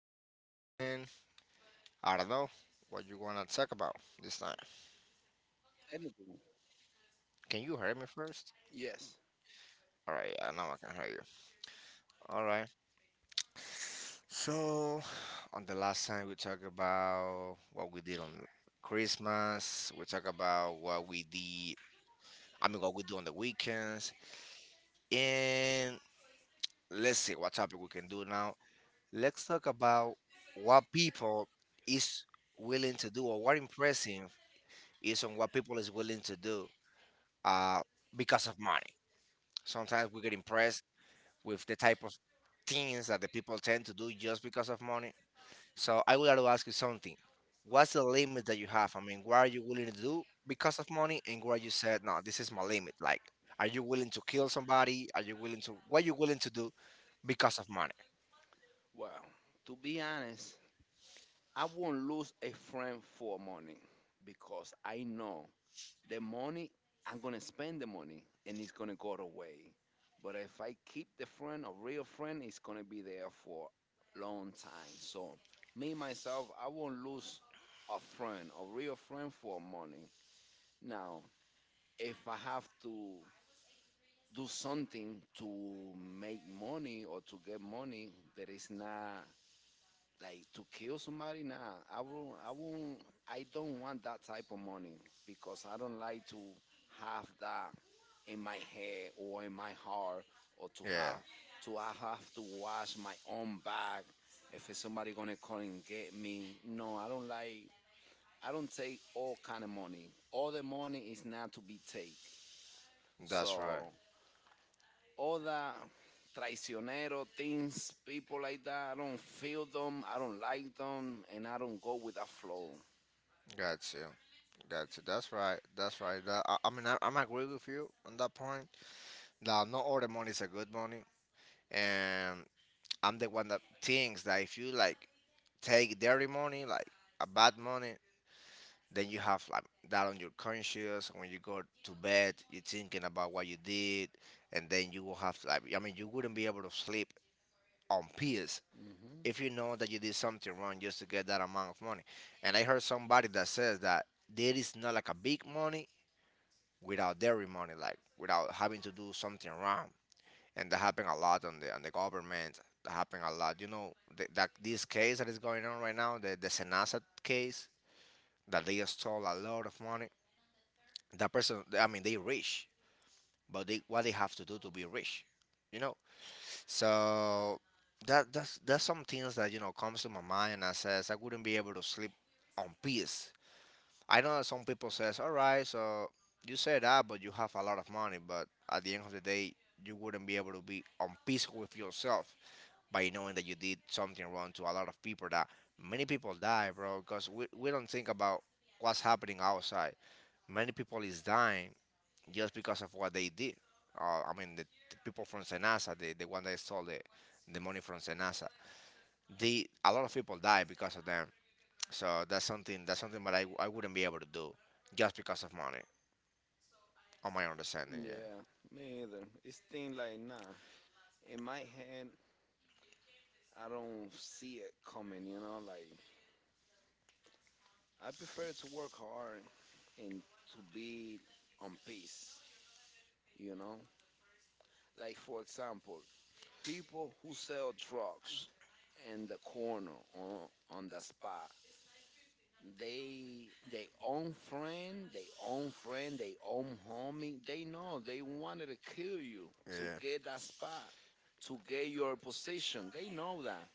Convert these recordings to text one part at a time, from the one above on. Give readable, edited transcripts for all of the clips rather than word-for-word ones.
and I don't know what you wanna talk about this time. Anything. Can you hear me first? Yes. All right, I know I can hear you. All right. So, on the last time we talked about what we did on Christmas, we talked about what we did. I mean, what we do on the weekends, and let's see what topic we can do now. Let's talk about what people is willing to do or what impressive is on what people is willing to do uh, because of money. Sometimes we get impressed with the type of things that the people tend to do just because of money. So I would like to ask you something. What's the limit that you have? I mean, what are you willing to do because of money, and what you said, no, this is my limit. Like, are you willing to kill somebody? Are you willing to? What are you willing to do because of money? Well, to be honest, I won't lose a friend for money because I know the money, I'm going to spend the money and it's going to go away. But if I keep the friend, a real friend, it's going to be there for long time. So, me, myself, I won't lose a friend, a real friend for money. Now, if I have to do something to make money or to get money that is not like to kill somebody, nah, I won't. I don't want that type of money because I don't like to have that in my head or in my heart, or to Yeah, have to, I have to wash my own back if it's somebody gonna come and get me. No, I don't like, I don't take all kind of money. All the money is not to be take. that's right. So all the traicionero things, people like that, I don't feel them. I don't like them, and I don't go with the flow. Got you. Got you. That's right. That's right. That, I mean, I'm agree with you on that point. Now, not all the money is a good money, and I'm the one that thinks that if you like take dirty money, like a bad money, then you have like that on your conscience. When you go to bed, you're thinking about what you did, and then you will have like I mean, you wouldn't be able to sleep on peace Hmm. if you know that you did something wrong just to get that amount of money. And I heard somebody that says that there is not like a big money without dirty money, like without having to do something wrong. And that happen a lot on the government. That happen a lot. You know that this case that is going on right now, the Senasa case, that they stole a lot of money. That person, I mean, they rich, but they what they have to do to be rich, you know. So that's that's some things that you know comes to my mind. And I says I wouldn't be able to sleep on peace. I know that some people says, "All right, so you say that, but you have a lot of money, but at the end of the day, you wouldn't be able to be on peace with yourself by knowing that you did something wrong to a lot of people. That many people die, bro, because we don't think about what's happening outside. Many people is dying just because of what they did. I mean, the people from Senasa, the one that stole the money from Senasa, they a lot of people die because of them. So that's something that I, I wouldn't be able to do just because of money, on my understanding, yeah. Yeah, me either. It's thing like, nah. In my head, I don't see it coming. You know, like I prefer to work hard and to be on peace. You know, like for example, people who sell drugs in the corner, on the spot. They own friend, they own homie. They know they wanted to kill you to Yeah. get that spot, to get your position. They know that.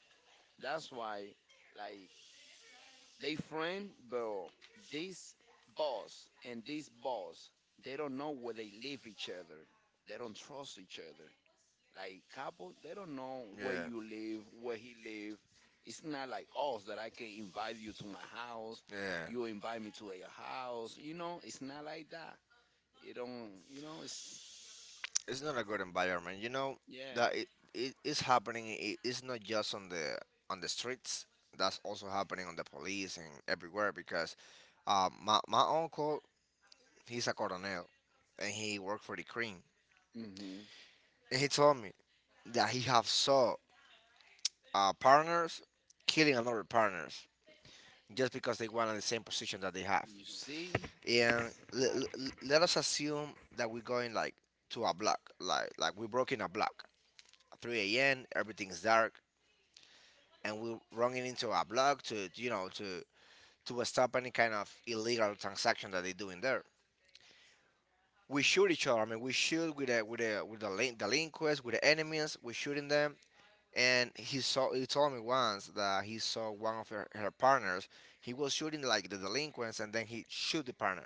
That's why, like, they friend, but this boss and this boss, they don't know where they live each other. They don't trust each other. Like Capo, they don't know where you live, where he live. It's not like us that I can invite you to my house. Yeah. You invite me to your house. You know, Yeah. it's not like that. It don't. You know, it's, It's not a good environment. You know yeah. that it is happening. It's not just on the streets. That's also happening on the police and everywhere because my uncle he's a colonel and he worked for the Kryn. Hmm. And he told me that he have saw partners killing another partners just because they want the same position that they have. You see, And exactly. let us assume that we're going like to a block, like we broke in a block. 3 a.m. Everything's dark. And we're running into a block to you know to stop any kind of illegal transaction that they do in there. We shoot each other. I mean, we shoot with the delinquents, with the enemies. We're shooting them, and he saw. He told me once that he saw one of her partners. He was shooting like the delinquents, and then he shoot the partner.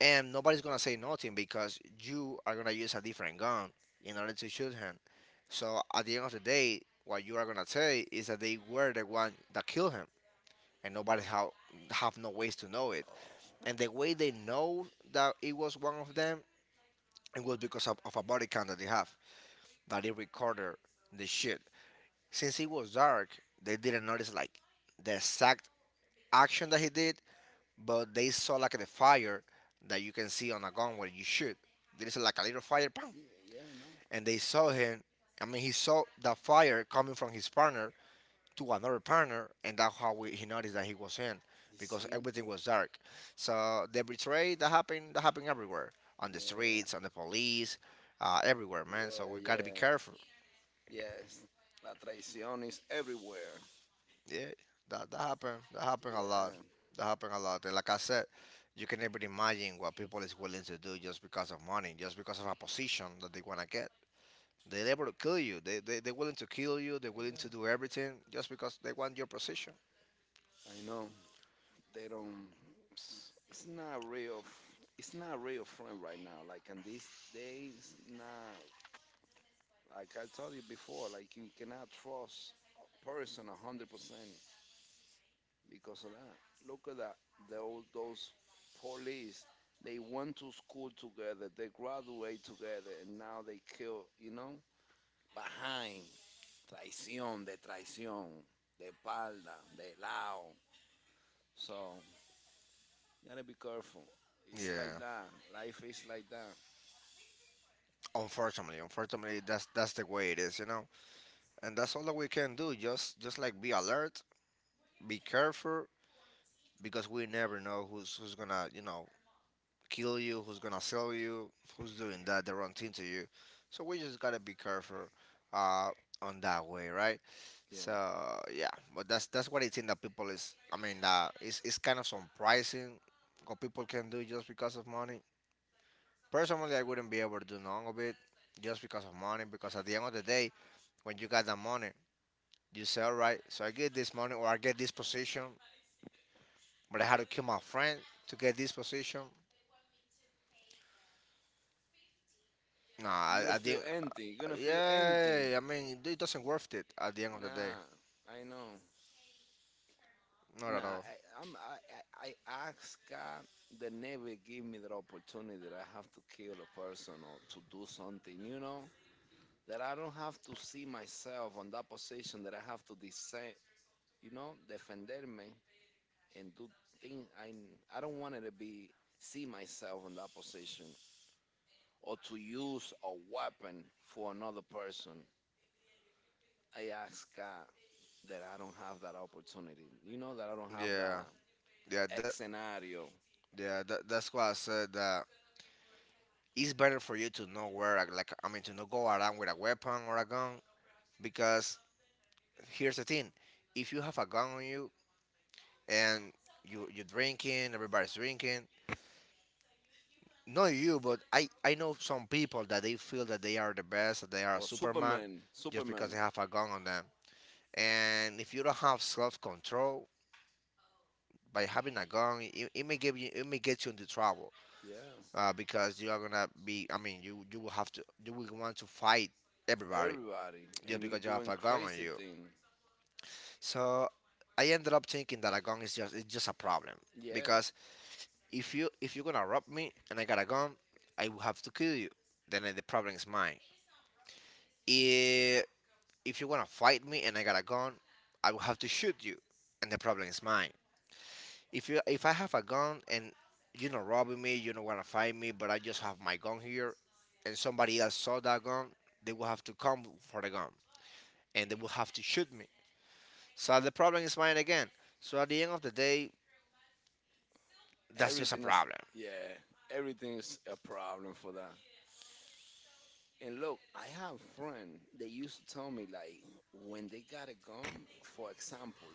And nobody's gonna say nothing because you are gonna use a different gun in order to shoot him. So at the end of the day, what you are gonna say is that they were the one that killed him. And nobody have no ways to know it. Oh, And the way they know that it was one of them, it was because of a body cam that they have that it recorded the shit. Since it was dark, they didn't notice like the exact action that he did, but they saw like the fire that you can see on a gun when you shoot. There is like a little fire, bam, yeah, yeah, I know. and they saw him. I mean, he saw the fire coming from his partner, to another partner, and that's how he noticed that he was in You because see, everything was dark. So the betrayal that happened everywhere on the yeah, streets, on the police, everywhere, man. So we yeah, got to be yeah, careful. yes. La traición is everywhere. Yeah, that happened. That happened a lot. Yeah, That happened a lot. And like I said, you can never imagine what people is willing to do just because of money, just because of a position that they wanna get. They're able to kill you. They're willing to kill you. They're willing to do yeah, everything just because they want your position. I know. They don't, it's not real f-, it's not real friend right now, like in these days. Not like I told you before, like you cannot trust a person 100% because of that. Look at that, those police. They went to school together, they graduate together, and now they kill, you know, behind. Traición de traición, de espalda, de lado. So you gotta be careful. It's Yeah. like that. Life is like that. Unfortunately, that's the way it is, you know. And that's all that we can do. Just like be alert, be careful, because we never know who's gonna you know kill you, who's gonna sell you, who's doing that the wrong thing to you. So we just gotta be careful, uh, on that way, right? Yeah. So yeah, but that's what I think that people is. I mean, that it's kind of surprising what people can do just because of money. Personally, I wouldn't be able to do none of it just because of money. Because at the end of the day, when you got that money, you say, all right, so I get this money or I get this position, but I had to kill my friend to get this position. Nah, You're I gonna feel didn't. empty. You're gonna feel empty. Yeah, I mean, it doesn't worth it at the end of the day. Nah, I know. Not at Nah, all. I, I'm. I ask God that never give me that opportunity that I have to kill a person or to do something. You know that I don't have to see myself on that position that I have to defend. You know, defenderme, and do things. I don't want to be, see myself in that position, or to use a weapon for another person. I ask God that I don't have that opportunity. You know that I don't have Yeah, that yeah, that, scenario, yeah. That's why I said that it's better for you to know where, I mean, to not go around with a weapon or a gun. Because here's the thing: if you have a gun on you and you're drinking, everybody's drinking, not you, but I know some people that they feel that they are the best, that they are or Superman, Superman, just because they Superman. have a gun on them. And if you don't have self control by having a gun, it may give you it may get you into trouble Yeah, because you are gonna be. I mean, you will have to you will want to fight everybody everybody, just and you because you have doing a gun on crazy you. thing. So I ended up thinking that a gun is just it's just a problem Yeah, because if you if you're gonna rob me and I got a gun, I will have to kill you. Then the problem is mine. If, if you want to fight me and I got a gun, I will have to shoot you, and the problem is mine. If you if I have a gun and you're not robbing me, you don't want to fight me, but I just have my gun here, and somebody else saw that gun, they will have to come for the gun, and they will have to shoot me. So the problem is mine again. So at the end of the day, that's just a everything is. problem. Yeah, everything is a problem for that. And look, I have friend. They used to tell me like when they got a gun, for example,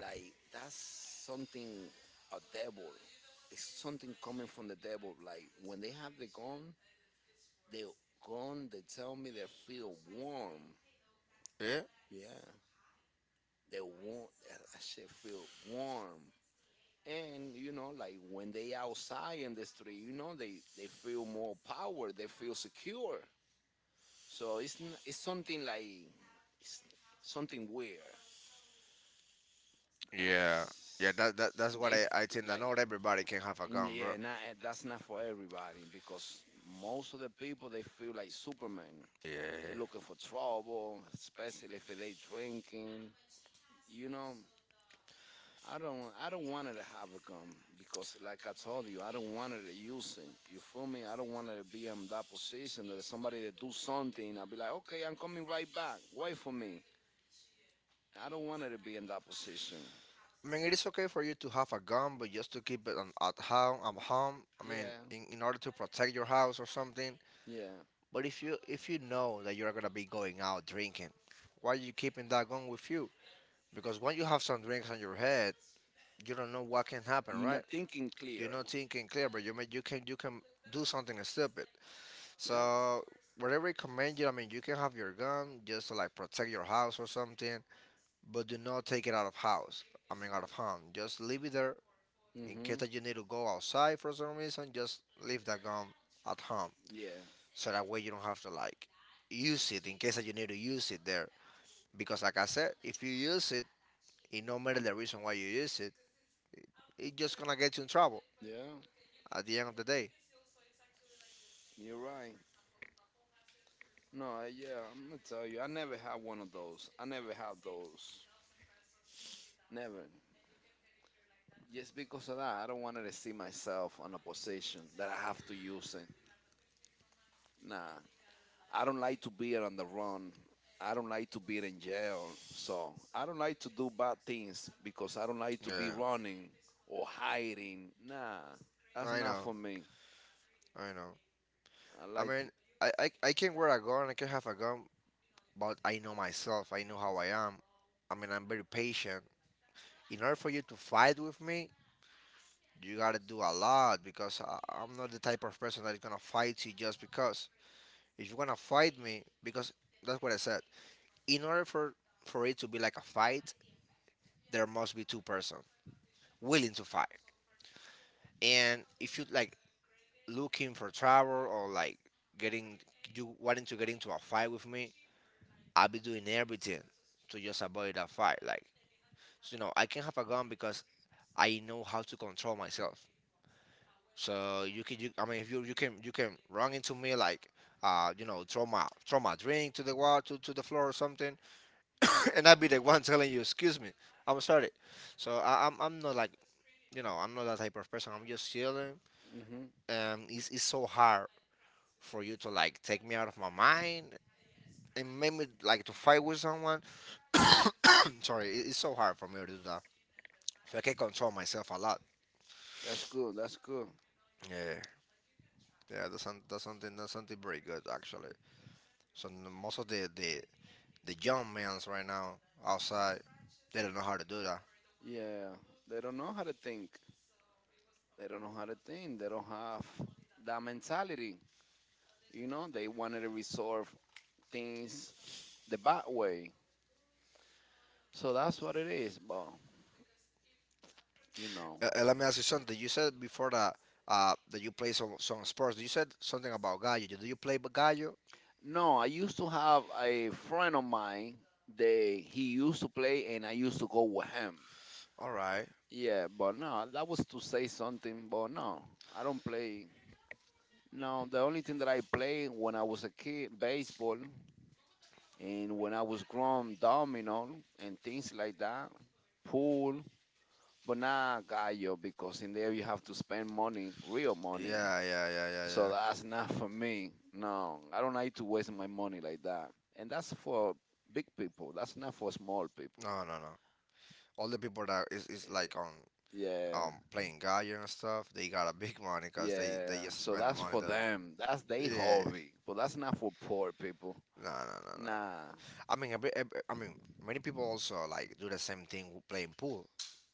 like that's something, a devil. It's something coming from the devil. Like when they have the gun, the gun, they tell me they feel warm. Yeah, Yeah, they warm. I should feel warm. And you know, like when they outside in the street, you know, they feel more power. They feel secure. So it's something like, it's something weird. yeah, yeah. That that's what They I f- think. That like, not everybody can have a gun, mm, bro. yeah, not, eh, that's not for everybody because most of the people they feel like Superman. They Yeah. looking for trouble, especially if they drinking. You know, I don't want her to have a gun because like I told you, I don't want her to use it. You feel me? I don't want her to be in that position that somebody that do something, I'll be like, "Okay, I'm coming right back. Wait for me." I don't want her to be in that position. I mean, it is okay for you to have a gun, but just to keep it on, at home. At home, I mean, Yeah, in order to protect your house or something. yeah. But if you know that you're gonna be going out drinking, why are you keeping that gun with you? Because when you have some drinks on your head, you don't know what can happen, You're right? not thinking You're clear. not thinking clear, but you may, you can do something stupid. Yeah. So whatever I recommend you, I mean, you can have your gun just to like protect your house or something. But do not take it out of house. I mean, So, out of home. Just leave it there in hmm. case that you need to go outside for some reason. Just leave that gum at home, Yeah. so that way you don't have to like use it in case that you need to use it there. Because like I said, if you use it, it no matter the reason why you use it, it's just gonna get you in trouble Yeah. at the end of the day. You're right. No, yeah, I'm gonna tell you, I never had one of those. I never had those. Never. Just because of that, I don't want to see myself on a position that I have to use it. Nah, I don't like to be on the run. I don't like to be in jail. So I don't like to do bad things because I don't like to be Yeah, running or hiding. Nah, that's I not know, for me. I know. I I like to. mean, I can wear a gun. I can have a gun, but I know myself. I know how I am. I mean, I'm very patient. In order for you to fight with me, you gotta do a lot because I'm not the type of person that is gonna fight you just because. If you're gonna fight me, because that's what I said. In order for it to be like a fight, there must be two persons willing to fight. And if you like looking for trouble or like getting you wanting to get into a fight with me, I'll be doing everything to just avoid that fight. Like, I can have a gun because I know how to control myself. So I mean, if you can you can run into me like, throw my drink to the wall to the floor or something, and I'd be the one telling you, excuse me, I'm sorry. So I'm not like I'm not that type of person. I'm just chilling. Hmm. It's so hard for you to like take me out of my mind and make me like to fight with someone. Sorry, it's so hard for me to do that. So I can control myself a lot. That's good. That's good. Yeah. Yeah, that's something pretty good actually. So most of the young men's right now outside, they don't know how to do that. Yeah, they don't know how to think. They don't know how to think. They don't have that mentality. You know, they wanted to resolve things the bad way. So that's what it is. But you know, Let me ask you something. You said before that that you play some sports. You said something about gallo. Do you play gallo? no, I used to have a friend of mine. They, he used to play, and I used to go with him. All right. Yeah, but no, that was to say something. But no, I don't play. No, the only thing that I played when I was a kid, baseball, and when I was grown, domino and things like that, pool. But not gallo, because in there you have to spend money, real money. Yeah, yeah, yeah, yeah, So yeah. that's not for me. No, I don't like to waste my money like that. And that's for big people. That's not for small people. No, no, no. All the people that is like Eh, on yeah, playing Gaia and stuff, they got a big money because they yeah. just So spend the that's money for that. them. That's their Yeah, hobby. But that's not for poor people. no, no, no, no. Nah. I mean, many people also like do the same thing with playing pool.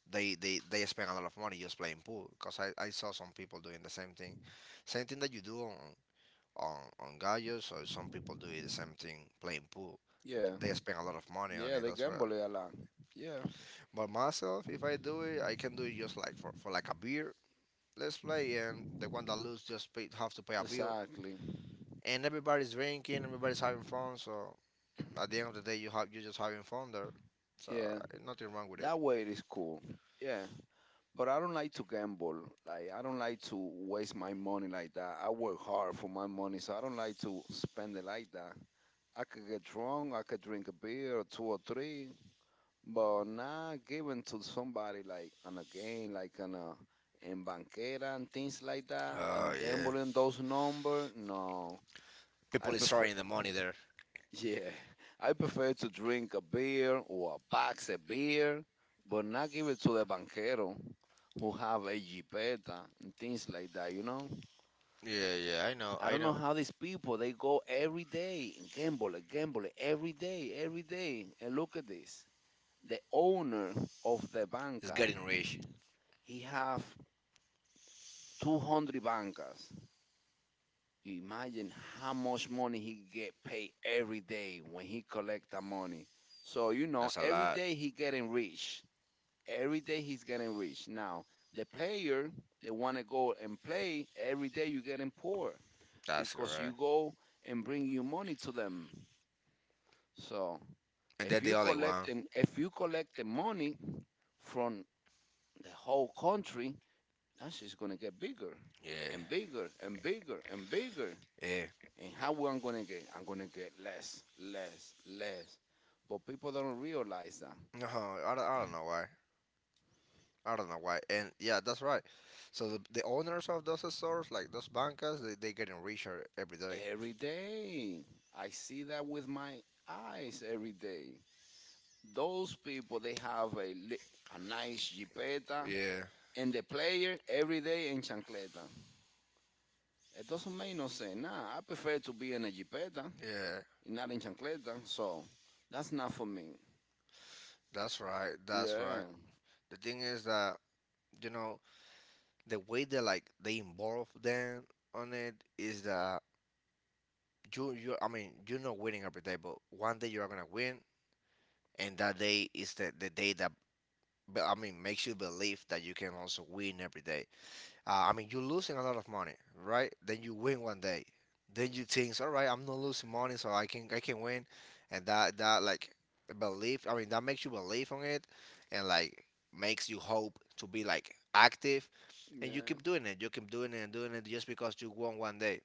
They spend a lot of money just playing pool because I saw some people doing the same thing that you do on on Gaia. So some people do the same thing playing pool. Yeah. They spend a lot of money on Yeah, it they as well. gamble a lot. Yeah, But myself, if I do it, I can do it just like for like a beer let's play, and the one that lose just pay, have to pay a bill. exactly. And everybody's drinking, everybody's having fun. So at the end of the day, you just having fun there. So Yeah, nothing wrong with it. that way it is cool. Yeah. But I don't like to gamble. Like I don't like to waste my money like that. I work hard for my money, so I don't like to spend it like that. I could get drunk, I could drink a beer or two or three, but not giving to somebody like on a game, like on a in banquera and things like that, and Oh yeah. gambling those numbers. No, I People is prefer. throwing the money there. Yeah, I prefer to drink a beer or a box of beer, but not give it to the banquero who have a jipeta and things like that, you know? Yeah, yeah, I know, I I don't know know. how these people they go every day and gamble every day, every day. And look at this. The owner of the It's banca, getting rich. he have 200 bancas. Imagine how much money he get paid every day when he collect the money. So you know, That's a every lot. day he getting rich. Every day he's getting rich. Now the player, they want to go and play every day, you getting poor, That's because you correct. go and bring your money to them. So And if then they you all like, collect wow. them, if you collect the money from the whole country, that's just gonna get bigger Yeah. and bigger and bigger and bigger. Yeah. And how I'm gonna get? I'm gonna get less, less, less. But people don't realize that. No, I don't know why. I don't know why. And yeah, that's right. So the owners of those stores, like those bancas, they getting richer every day. Every day. I see that with my eyes every day. Those people they have a li-, a nice jipeta, Yeah, and the player every day in chancleta. It doesn't make no sense. Nah, I prefer to be in a jipeta, yeah, not in chancleta. So that's not for me. that's right, that's Yeah, right. The thing is that you know the way they like they involve them on it is that you I mean you're not winning every day, but one day you are gonna win, and that day is the day that I mean makes you believe that you can also win every day. I mean you're losing a lot of money, right? Then you win one day, then you think, all right, I'm not losing money, so I can win, and that like belief. I mean that makes you believe on it, and like makes you hope to be like active, and you yeah. keep doing it. You keep doing it and doing it just because you won one day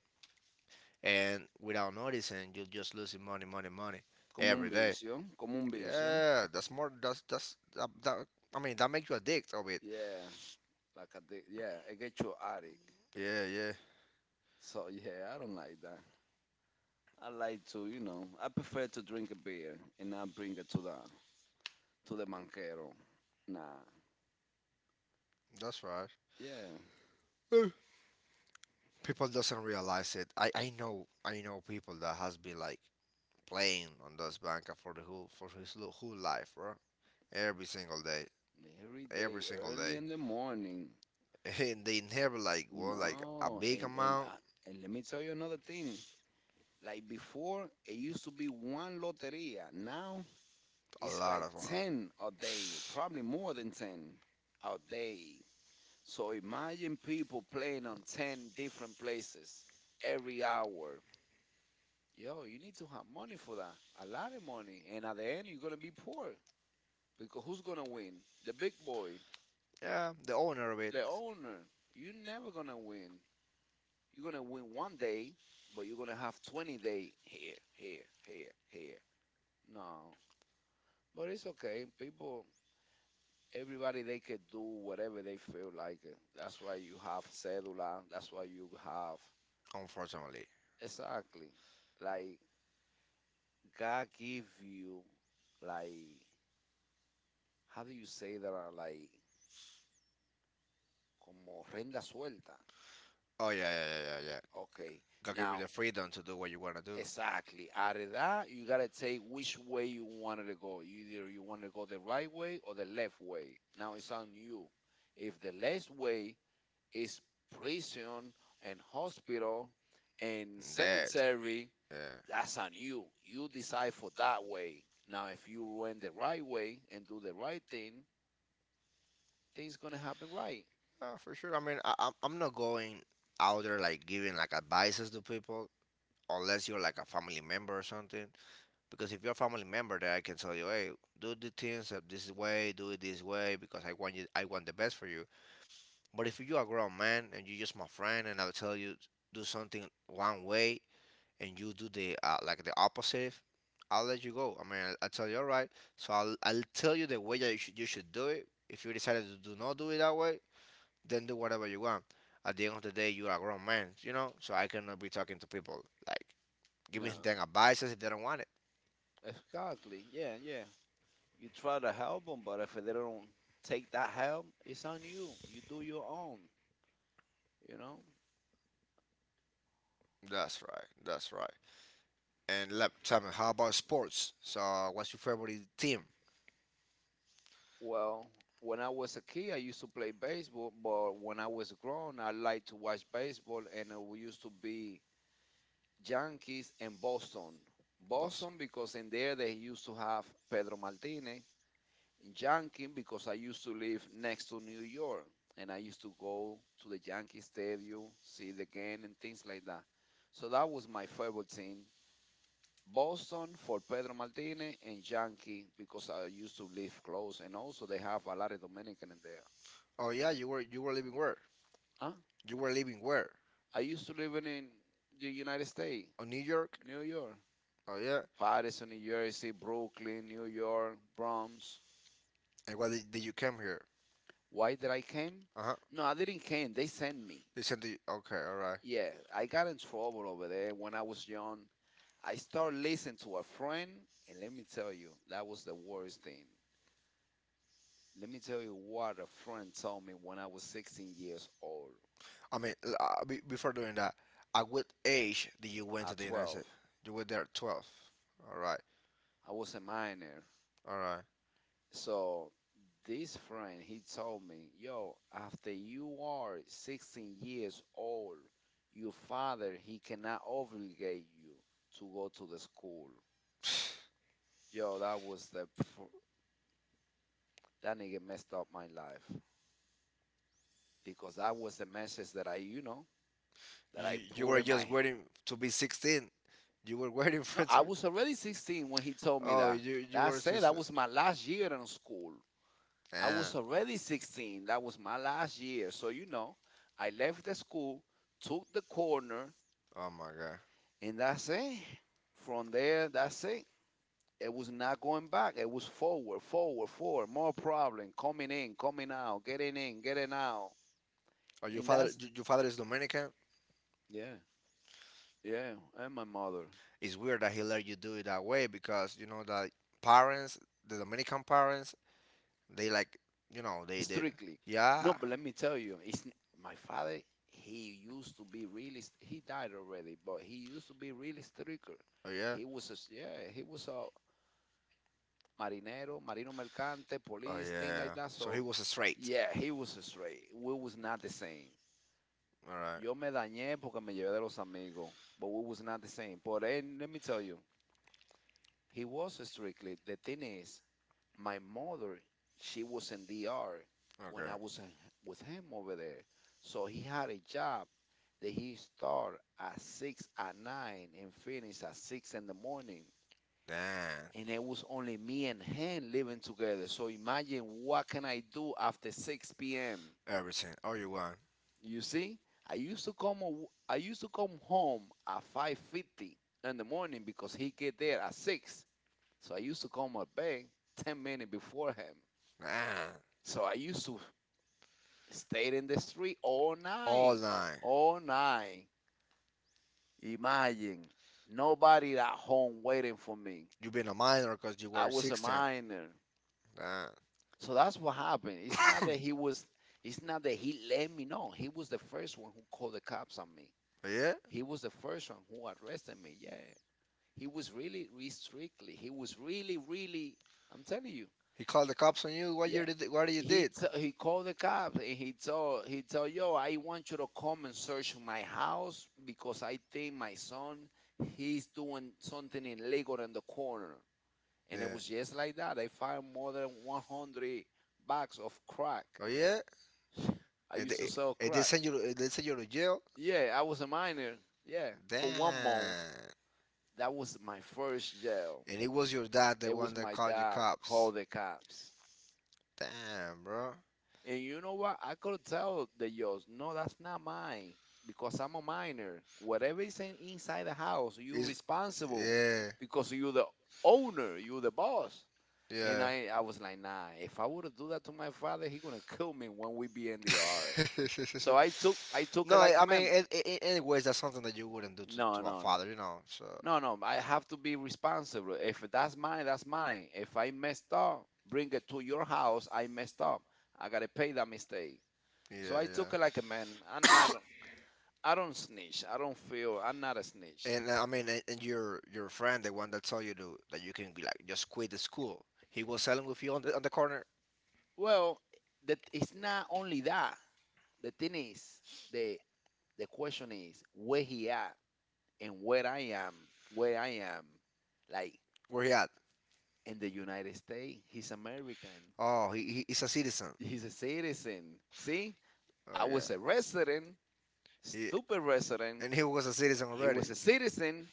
and without noticing, you're just losing money, money, money Como un every day. vicio, como un vicio. Yeah, that's more. That's that, that. I mean, that makes you addict of it. Yeah, like I did. Yeah, I get you addict. Yeah, yeah, So yeah, I don't like that. I like to, you know, I prefer to drink a beer and not bring it to the banquero. Nah. that's right. Yeah. Eh, People doesn't realize it. I know I know people that has been like playing on those banca for the whole for whole life, bro. Every single day, Every every day, single early day, in the morning. and they never like won like a No, big amount, and let me tell you another thing. Like before, it used to be one loteria. Now a it's lot like of amount. 10 a day, probably more than 10 a day. So imagine people playing on 10 different places every hour. Yo, you need to have money for that. A lot of money, and at the end, you're gonna be poor because who's gonna win? The big boy, Yeah, the owner of it, the owner. You're never gonna win. You're gonna win one day, but you're gonna have 20-day here, here, here, here. No, but it's okay. People, everybody, they can do whatever they feel like. It. That's why you have cedula. That's why you have, unfortunately. exactly, like God give you, like, how do you say that? Uh, like como renda suelta. Oh yeah, yeah, yeah, yeah, yeah. Okay, God give you now the freedom to do what you wanna do. exactly. Out of that, you gotta take which way you wanted to go. Either you want to go the right way or the left way. Now it's on you. If the left way is prison and hospital and cemetery, Yeah. that's on you. You decide for that way. Now, if you went the right way and do the right thing, things gonna happen right. For sure. I mean, I'm not going out there like giving like advices to people unless you're like a family member or something. Because if you're a family member, that I can tell you, hey, do the things of this way, do it this way, because I want you, I want the best for you. But if you're a grown man and you're just my friend, and I'll tell you do something one way, and you do the like the opposite, I'll let you go. I mean, I'll tell you, all right. So I'll tell you the way that you should do it. If you decided to do not do it that way, then do whatever you want. At the end of the day, you're a grown man, you know. So I cannot be talking to people like giving them No, advices if they don't want it. exactly. Yeah, yeah. You try to help them, but if they don't take that help, it's on you. You do your own. You know, That's right. That's right. And let tell me, how about sports? So, what's your favorite team? well, when I was a kid, I used to play baseball, but when I was grown, I liked to watch baseball, and it we used to be Yankees and Boston. Boss. Boston because in there they used to have Pedro Martinez. Yankee because I used to live next to New York, and I used to go to the Yankee Stadium, see the game, and things like that. So that was my favorite team, Boston for Pedro Martinez, and Yankee because I used to live close, and also they have a lot of Dominican in there. Oh yeah, you were living where? Huh? You were living where? I used to live in the United States, Oh, New York. New York, Oh yeah. Patterson, New Jersey, Brooklyn, New York, Bronx. And did you come here? Why did I came? Uh huh. No, I didn't came. They sent me. They sent you. Okay, all right. Yeah, I got in trouble over there when I was young. I started listening to a friend, and let me tell you, that was the worst thing. Let me tell you what a friend told me when I was 16 years old. I mean, before doing that, at what age did you went to At the United 12. States? You were there at 12. All right. I was a minor. All right. So this friend, he told me, yo, after you are 16 years old, your father, he cannot obligate you to go to the school. Yo, that was that nigga messed up my life because that was the message that I that I You put were in my— just waiting to be 16. You were waiting for no, it to. I was already 16 when he told me Oh, that. You That were said, that 16. was my last year in school. I Ah, was already 16. That was my last year. So, you know, I left the school, took the corner, oh my God. and that's it. From there, that's it. It was not going back. It was forward, forward, forward. More problem coming in, coming out, getting in, getting out. Oh, And that's— your father is Dominican. yeah, yeah. And my mother, It's weird that he let you do it that way because you know that parents, the Dominican parents, they like you know they did. strictly. No, Yeah. but let me tell you, my father. He used to be really he died already, but he used to be really stricter. Oh yeah. Yeah. He was a s- Yeah. He was a marinero, marino mercante, Oh police, thing like yeah. that. So he So, was straight. yeah, he was straight. We was not the same. All right. Yo me dañé porque me llevé de los amigos, but we was not the same. But then, let me tell you, he was strictly. The thing is, my mother, she was in DR when Okay. I was with him over there. So he had a job that he start at six at nine and finish at six in the morning. Damn. And it was only me and him living together. So imagine what can I do after 6 p.m. Everything. All you want. You see, I used to come home at 5:50 in the morning because he get there at 6. So I used to come at bed 10 minutes before him. Damn. So I used to stay in the street all night, Nine. all night. Imagine, nobody at home waiting for me. You been a minor because you I were was a 16. minor. Damn. So that's what happened. It's not that he was. It's not that he let me know. He was the first one who called the cops on me. Yeah. He was the first one who arrested me. Yeah. He was really, really strictly. He was really, really. I'm telling you. He called the cops on you. What Yeah. you did? What you did? He called the cops and he told, yo, I want you to come and search my house because I think my son, he's doing something illegal in the corner. And it Yeah. was just like that. I found more than 100 bags of crack. Oh yeah, I and used they, to sell and crack. They send you to jail. Yeah, I was a minor. Yeah, for one Damn. month. That was my first jail. And it was your dad the It one was that my called you dad cops. called the cops. Damn, bro. And you know what? I could tell the judge, no, that's not mine because I'm a minor. Whatever is inside the house, you're It's, responsible yeah, because you're the owner, you're the boss. And yeah. I was like, nah, if I would have do that to my father, he gonna kill me when we be in the yard. So I took no, it like a I mean, man. It, anyways, that's something that you wouldn't do No, to a no, no. father, you know. So No, no, I have to be responsible. If that's mine, that's mine. If I messed up, bring it to your house. I messed up. I gotta pay that mistake. So I yeah, took it like a man. I'm yeah. not— I don't snitch. I don't feel. I'm not a snitch. And I mean, and your friend, the one that told you to, that you can like just quit the school, he was selling with you on the corner. Well, that it's not only that. The thing is, the the question is where he at and where I am. Where I am, like, Where he at? in the United States, he's American. Oh, he's a citizen. He's a citizen. See, Oh I yeah. was a resident. He, Stupid resident. and he was a citizen He He already. was a citizen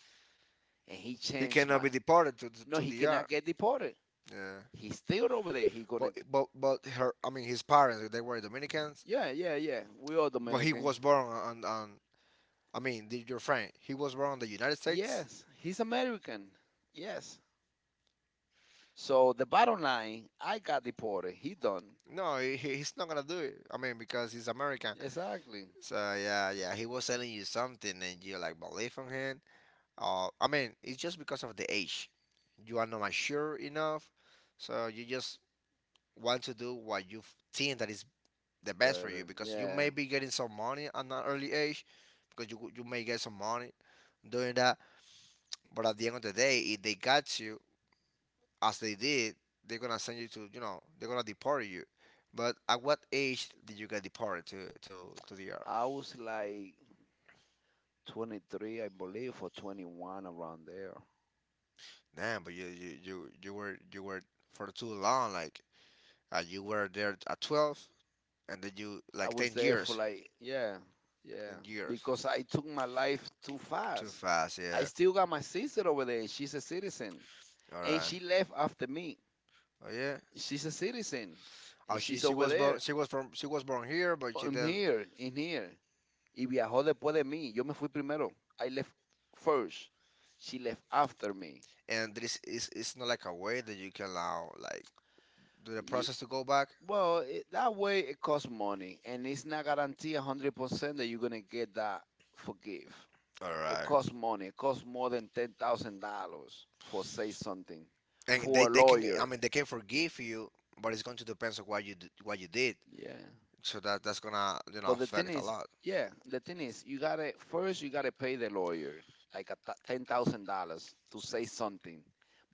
and he He changed cannot mind. be deported to the- No, No, to the he cannot DR. get deported. Yeah. He's still over there. He Gonna. gonna— But her, I mean, his parents, they were Dominicans. yeah, yeah, yeah. We all But he Dominican. Dominican. Was born on I mean, did your friend, he was born in the United States? Yes, he's American. Yes. So the bottom line, I got deported. He done. No, he's not gonna do it. I mean, because he's American. Exactly. So yeah, yeah, he was telling you something, and you like believe in him. I mean, it's just because of the age. You are not mature enough, so you just want to do what you think that is the best for But you. Because you yeah, may be getting some money at an early age, because you may get some money doing that. But at the end of the day, if they got you, as they did, they're gonna send you to you know they're gonna deport you. But at what age did you get deported to the I earth? was like 23, I believe, or 21 around there. Damn, but you were for too long. Like you were there at 12, and then you I like was ten there for years, like, yeah, like yeah, 10 years. because I took my life too Too fast. fast, I yeah. still got my sister over there. She's a citizen. All And right. she left after me. Oh yeah. She's a citizen. Oh, And she's over there. she was from she was born here, but she I'm then here, in here. Y viajó después de mí. Yo me fui primero. I left first. She left after me. and there is it's not like a way that you can allow like do the Ye- process to go back. well, it, that way it costs money. And it's not guaranteed 100% that you're going to get that forgive. All It right. costs money. It costs more than $10,000 for say something And for a they can I lawyer. mean they can forgive you but it's going to depend on what you what you did, Yeah. so that that's gonna you know But the thing affect a is, lot. yeah, the thing is, you gotta pay the lawyer like $10,000 to say something.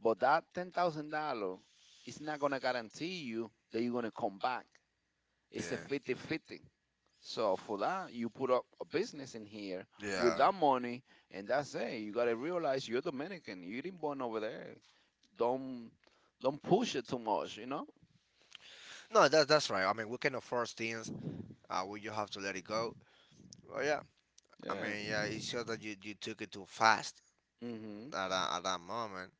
But that $10,000 is not gonna guarantee you that you're gonna come back. It's a Yeah, 50-50. So for that, you put up a business in here with yeah, that money, and that's it. You gotta realize you're Dominican. You didn't born over there. Don't don't push it too much, you know? no that's that's right. I mean we cannot force things. We just have to let it go. Well yeah. I Yeah. mean yeah it's just that you took it too fast Hmm. at at that moment.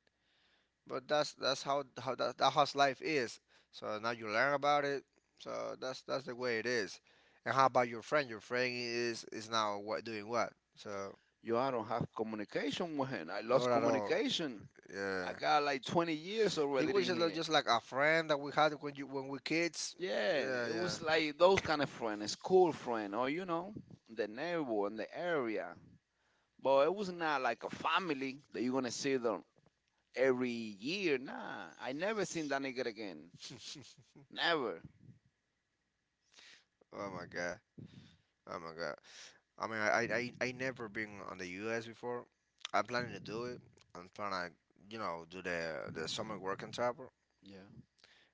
But that's how that, that how's life is. So now you learn about it. So that's the way it is. And how about your friend? Your friend is now what doing what? So Yo, I don't have communication with him. I not lost at all. communication. Yeah. I got like 20 years He already was in here. just like a friend that we had when you when we kids. Yeah, Yeah, it yeah. was like those kind of friend, a school friend, or, you know, the neighbor in the area. But it was not like a family that you're gonna see them every year. Nah, I never seen that nigga again. Never. Oh my god. Oh my god. I mean, I never been on the U.S. before. I'm planning to do it. I'm trying to, you know, do the summer work in Tapper, Yeah.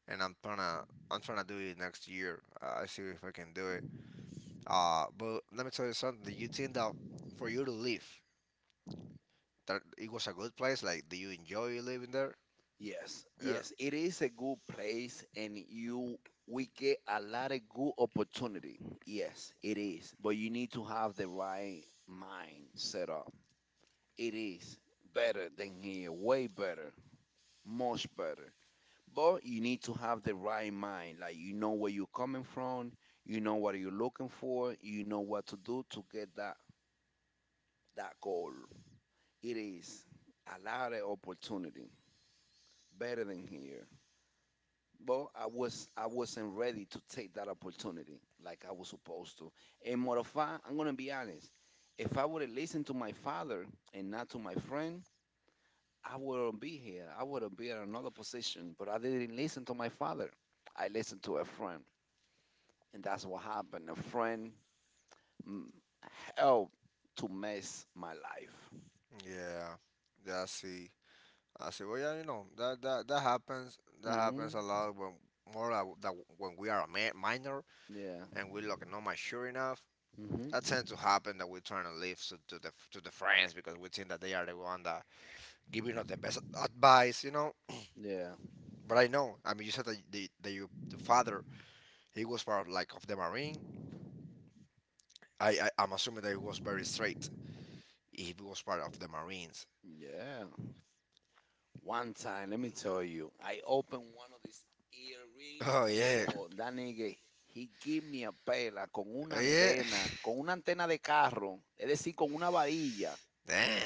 and I'm trying to do it next year. I see if I can do it. But let me tell you something. Do you think that for you to live, that it was a good place? Like, do you enjoy living there? Yes, Yeah. yes, it is a good place, and you we get a lot of good opportunity. Yes, it is, but you need to have the right mind set up. It is better than here, way better, much better. But you need to have the right mind, like, you know where you're coming from, you know what you're looking for, you know what to do to get that that goal. It is a lot of opportunity, better than here. But I wasn't ready to take that opportunity like I was supposed to. And more of fact, I'm gonna be honest. If I would have listened to my father and not to my friend, I wouldn't be here. I would have been in another position. But I didn't listen to my father. I listened to a friend, and that's what happened. A friend mm, helped to mess my life. Yeah. Yeah, I see. I said, well, yeah, you know, that that happens. That happens Mhm. a lot when more like that when we are a minor Yeah. and we look not mature enough. Mhm. That tends to happen that we trying to leave to the friends because we think that they are the one that giving us the best advice, you know. Yeah. But I know, I mean, you said that the that you the father he was part of, like of the marine. I'm assuming that he was very straight. He was part of the marines. Yeah. One time, let me tell you, I opened— oh, Danny, he give me a pela Una. Yeah. Con una antena de carro, es decir, con una varilla.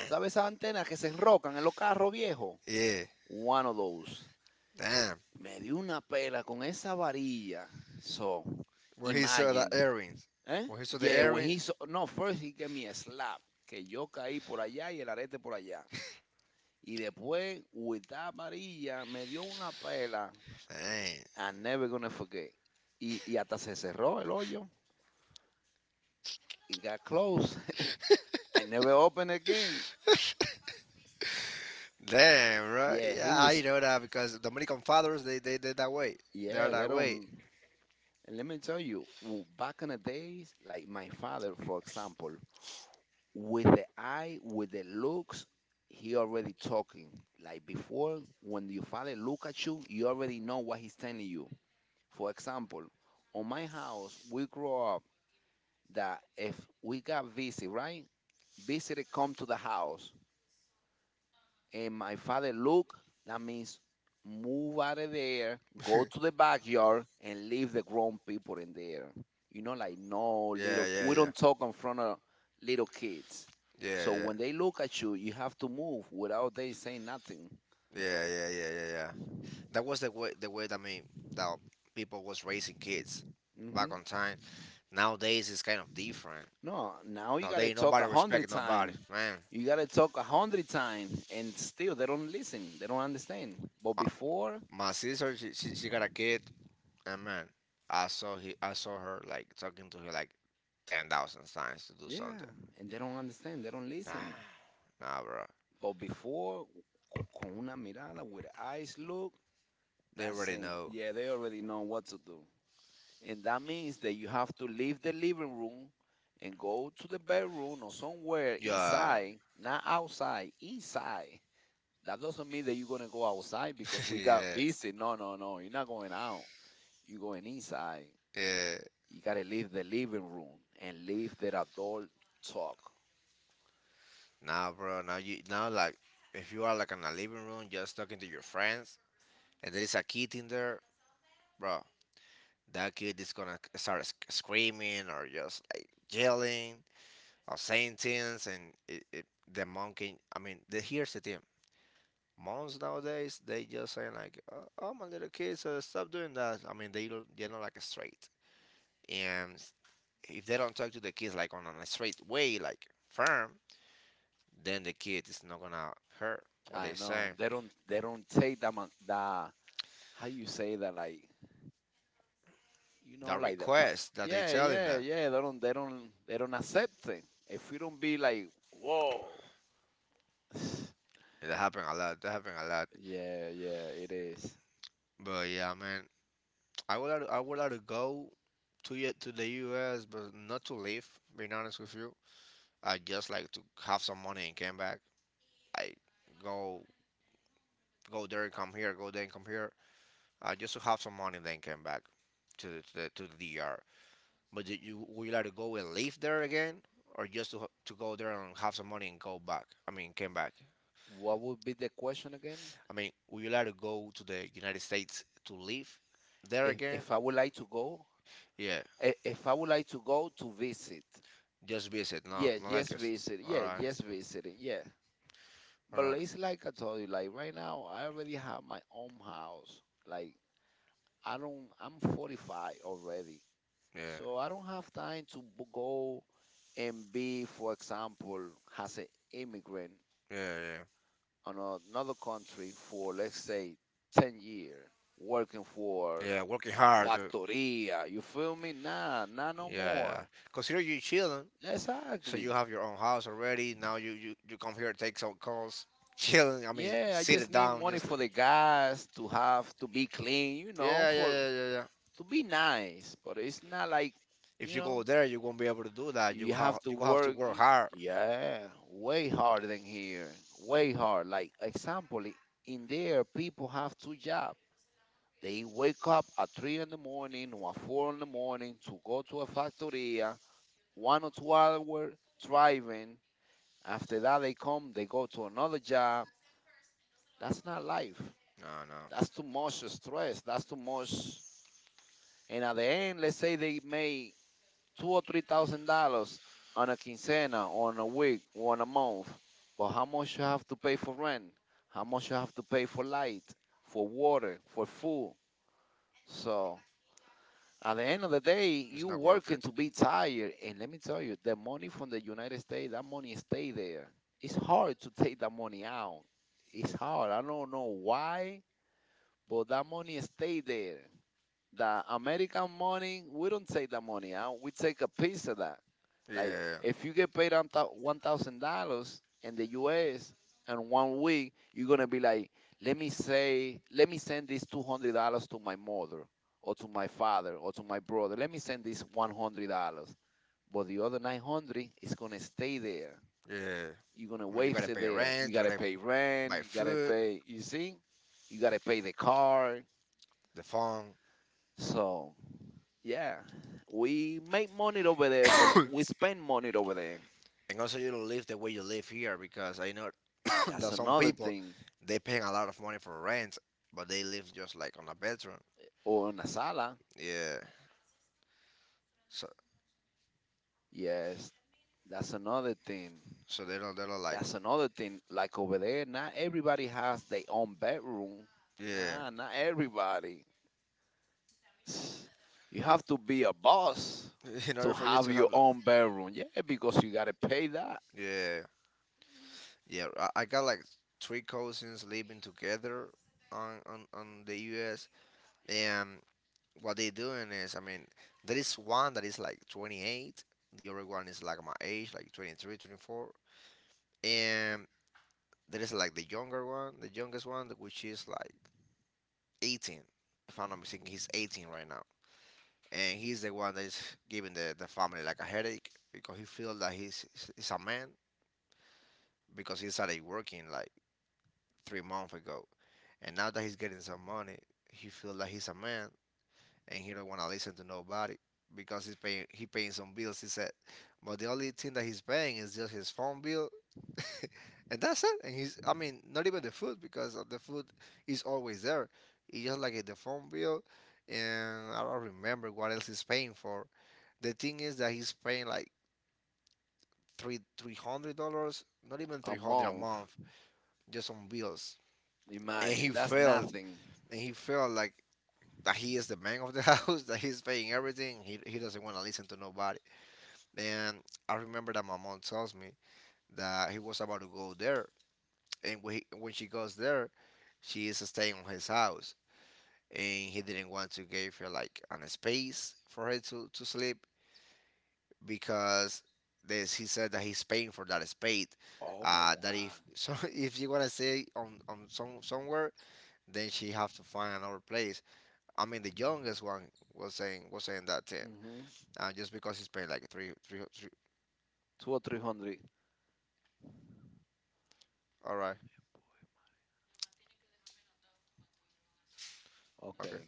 ¿Sabes esas antenas que se enrocan en los carros viejos? Yeah. One of those. Damn. Me dio una pela con esa varilla. So, When he saw the imagine. earrings. ¿Eh? When he saw the Yeah, He no, first he gave me a slap, que yo caí por allá y el arete por allá. Y después, with that varilla, me dio una pela. Dang. I'm never gonna forget. Y, y hasta se cerró el hoyo. It got closed. I never opened again. Damn, right? Yeah, he Yeah, I was. know that because Dominican fathers they that way. They are. Yeah, Yeah, they that way. don't. And let me tell you, back in the days, like my father, for example, with the eye, with the looks, he already talking. Like before, when your father look at you, you already know what he's telling you. For example, on my house, we grow up that if we got busy, right? Visitor come to the house. And my father look, that means move out of there, go to the backyard and leave the grown people in there. You know, like, no Yeah, little yeah, we yeah. don't talk in front of little kids. Yeah, yeah, So when they yeah, look at you, you have to move without they saying nothing. yeah, yeah, yeah, yeah. That was the way that I mean that people was raising kids back on Hmm. time. Nowadays it's kind of different. No, now you gotta Nowadays talk nobody a hundred respect nobody, times. man. You gotta talk a hundred times, and still they don't listen. They don't understand. But My, before— my sister, she got a kid, and man, I saw her like talking to her like 10,000 times to do yeah, something. and they don't understand. They don't listen. Nah, nah, bro. But before, con una mirada, with eyes look, They that's already it. know. Yeah, they already know what to do. And that means that you have to leave the living room and go to the bedroom or somewhere Yeah. inside, not outside, inside. That doesn't mean that you're going to go outside because we got Yeah. busy. No, no, no. You're not going out. You're going inside. Out. Yeah. You got to leave the living room and leave the adult talk. Nah, bro. Now like if you are like in a living room just talking to your friends and there is a kid in there, bro. That kid is gonna start screaming or just like yelling or saying things, and it, the monkey. I mean, the, here's the thing. Moms nowadays they just saying like, "Oh, oh, my little kids, stop doing that." I mean, they're not like straight, and if they don't talk to the kids like on a straight way, like firm, then the kid is not gonna hurt what they I know. saying. They don't take that that, how you say that, like, you know, That like request that they yeah, telling yeah, them. yeah, they don't accept it if we don't be like, whoa. That happen a lot. That happen a lot. Yeah, yeah, it is. But yeah, man, I would like to go to to the U.S., but not to live. Being honest with you, I just like to have some money and come back. I go go there, come here, go there, come here, just to have some money, then came back to the D.R. But did you would you like to go and live there again, or just to go there and have some money and go back? I mean, came back. What would be the question again? I mean, would you like to go to the United States to live there if, again? if i would like to go. Yeah, If I would like to go to visit. just visit, not Yes, not like yes, it's visit, all yeah, right, yes, visiting, yeah. all But you right, it's like I told you, like right now I already have my own house. Like I don't, I'm 45 already, yeah, so I don't have time to go. And B, for example, has an immigrant yeah, yeah. on another country for, let's say, 10 years, working for Yeah, working hard. Factoria. You feel me? Nah, nah, no Yeah, yeah. more. Consider you chilling. So you Exactly. have your own house already. Now you come here, take some calls, chilling. I mean, Yeah, I sit just it need down. money Just for the gas to have to be clean, you know, yeah, yeah, yeah, for yeah, yeah, yeah. to be nice. But it's not like, If you you know, go there, you won't be able to do that. You you have to you gonna have work. to y- hard. Yeah, way harder than here. Way hard. Like example, in there, people have two jobs. They wake up at three in the morning or at four in the morning to go to a factoria, 1 or 2 hour driving. After that, they come, they go to another job. That's not life. No, no, That's too much stress. That's too much. And at the end, let's say they may two or three thousand dollars on a quincena, on a week, on a month. But how much you have to pay for rent? How much you have to pay for light, for water, for food? So at the end of the day, it's you not worth working it. to be tired. And let me tell you, the money from the United States, that money stay there. It's hard to take that money out. It's hard. I don't know why, but that money stay there. The American money, we don't take the money out. We take a piece of that. Like Yeah. On if you get paid on top. $1,000 in the U.S. in 1 week, you're gonna be like, let me say, let me send this $200 to my mother or to my father or to my brother. Let me send this $100, but the other 900 is gonna stay there. Yeah. you're You're gonna I mean, you waste gotta it pay there. You rent, you rent, gotta gotta gotta pay rent. Buy rent. You gotta food, pay. You see, you gotta pay the car. the phone, So, yeah, we make money over there, but we spend money over there. and also you live the way you live here because I know That's that some another people thing. thing. They paying a lot of money for rent, but they live just like on a bedroom. Or in a sala. Yeah. So Yes, that's another thing. so they don't like That's another thing. Like over there, not everybody has their own bedroom. yeah. Nah, not everybody. You have to be a boss In to order for you have to your have own bedroom. Yeah, because you gotta pay that yeah, yeah. I got like three cousins living together on on the US. And what they doing is I mean there is one that is like 28, the other one is like my age like 23 24, and there is like the youngest one which is like 18. If I'm not mistaken he's 18 right now. And he's the one that is giving the family like a headache because he feels that he's a man because he started working like 3 months ago. And now that he's getting some money, he feel like he's a man and he don't want to listen to nobody because he paying some bills. He said, but the only thing that he's paying is just his phone bill, and that's it. And he's I mean not even the food because of the food is always there. It's just like the phone bill, and I don't remember what else he's paying for. The thing is that he's paying like three hundred dollars, not even a 300 a month. month, just on bills. And Imagine, that's nothing. He felt like that he is the man of the house, that he's paying everything. He doesn't want to listen to nobody. And I remember that my mom tells me that he was about to go there. And when she goes there, she is staying on his house. And he didn't want to give her like an space for her to sleep because he said that he's paying for that space. Oh my That god. if so if you wanna stay on some somewhere, then she have to find another place. I mean, the youngest one was saying that ten, Hmm. Just because he's paying like three. Two or three hundred. All right, okay. Okay.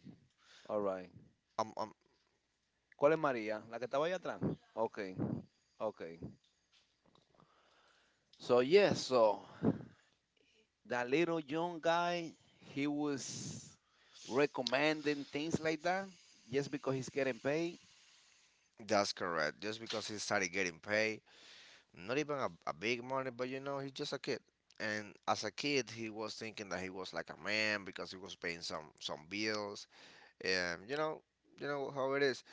All right. Um, um, ¿Cuál es María? ¿La que estaba allá atrás? Okay. Okay. So yes, so that little young guy, he was recommending things like that. Just because he's getting paid, that's correct. Just because he started getting paid, not even a big money, but you know, he's just a kid. And as a kid, he was thinking that he was like a man because he was paying some bills, and you know how it is.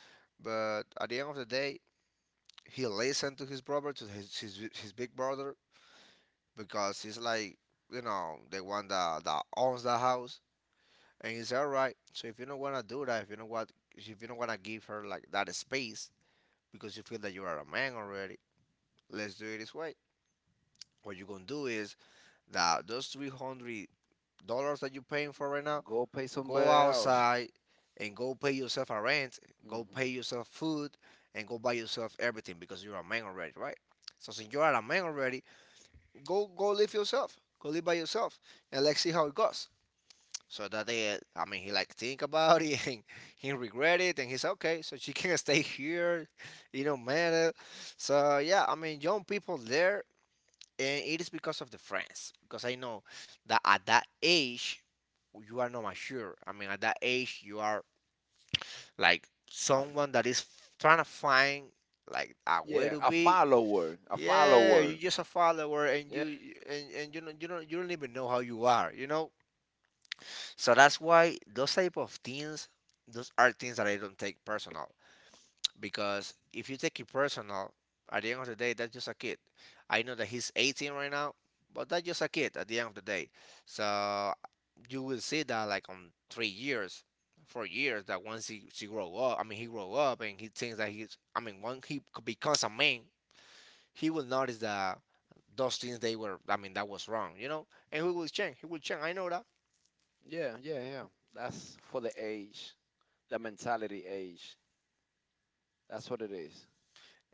But at the end of the day, he listened to his brother, to his big brother, because he's like you know the one that owns the house and it's all right. So if you don't wanna do that, if you don't wanna give her like that space because you feel that you are a man already, let's do it this way. What you gonna do is that those $300 that you're paying for right now, go pay go somebody else. outside and go pay yourself a rent, go Mhm. pay yourself food, and go buy yourself everything because you're a man already, right? So since you are a man already, go go live yourself, go live by yourself, and let's see how it goes. So that they, I mean, he like think about it and he regret it, and he's okay. So she can stay here, you know, matter. So yeah, I mean, young people there, and it is because of the friends. Because I know that at that age, you are not mature. I mean, at that age, you are like A f- someone that is trying to find like a way yeah, to a be. follower, a Yeah, you're follower. just a follower, Yeah, and you don't even know how you are. You know, so that's why those type of things, those are things that I don't take personal. Because if you take it personal, at the end of the day, that's just a kid. I know that he's 18 right now, but that's just a kid at the end of the day. So you will see that like on 3 years, 4 years, that once he she grow up, I mean he grow up and he thinks that I mean, when he becomes a man, he will notice that those things I mean, that was wrong, you know. And he will change. He will change. I know that. yeah, yeah, yeah. That's for the age, the mentality age. That's what it is.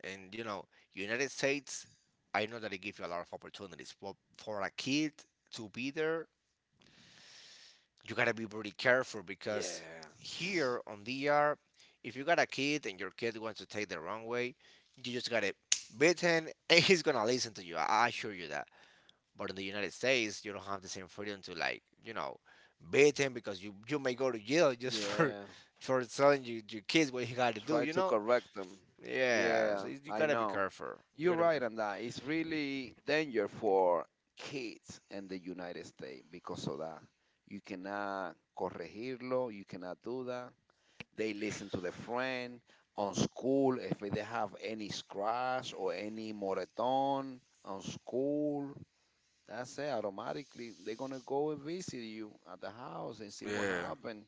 And you know, United States, I know that it gives you a lot of opportunities, but for a kid to be there, you gotta be really careful because Yeah. here on DR, if you got a kid and your kid wants to take the wrong way, you just gotta beat him and he's gonna listen to you. I assure you that. But in the United States, you don't have the same freedom to like, you know, beat him because you may go to jail just for Yeah. Telling you your kids what you got to do. Try You to know? correct them. Yeah. Yeah, So you I gotta be know. careful. You You're gotta be right careful. on that. It's really danger for kids in the United States because of that. You cannot corregirlo. You cannot do that. They listen to their friend on school. If they have any scratch or any moreton on school, that's it. Automatically, they're gonna go and visit you at the house and see what happened.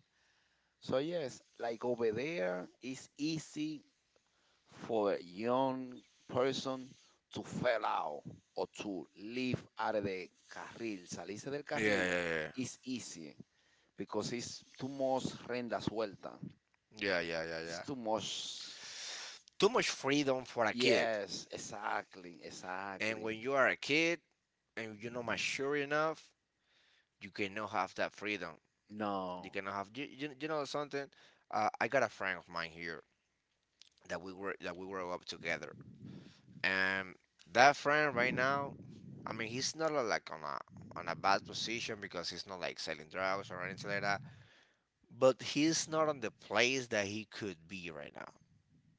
So yes, like over there, it's easy for a young person to fail out or to leave out of the carril, salirse del carril, is easy because it's too much renda suelta. Yeah, yeah, yeah, It's yeah. too much. Too much freedom for a kid. Yes, exactly, And exactly. when you are a kid and you're not mature enough, you cannot have that freedom. You No. cannot have you know something. I got a friend of mine here. That we were up together. And that friend right now, I mean, he's not like on a bad position because he's not like selling drugs or anything like that. But he's not on the place that he could be right now.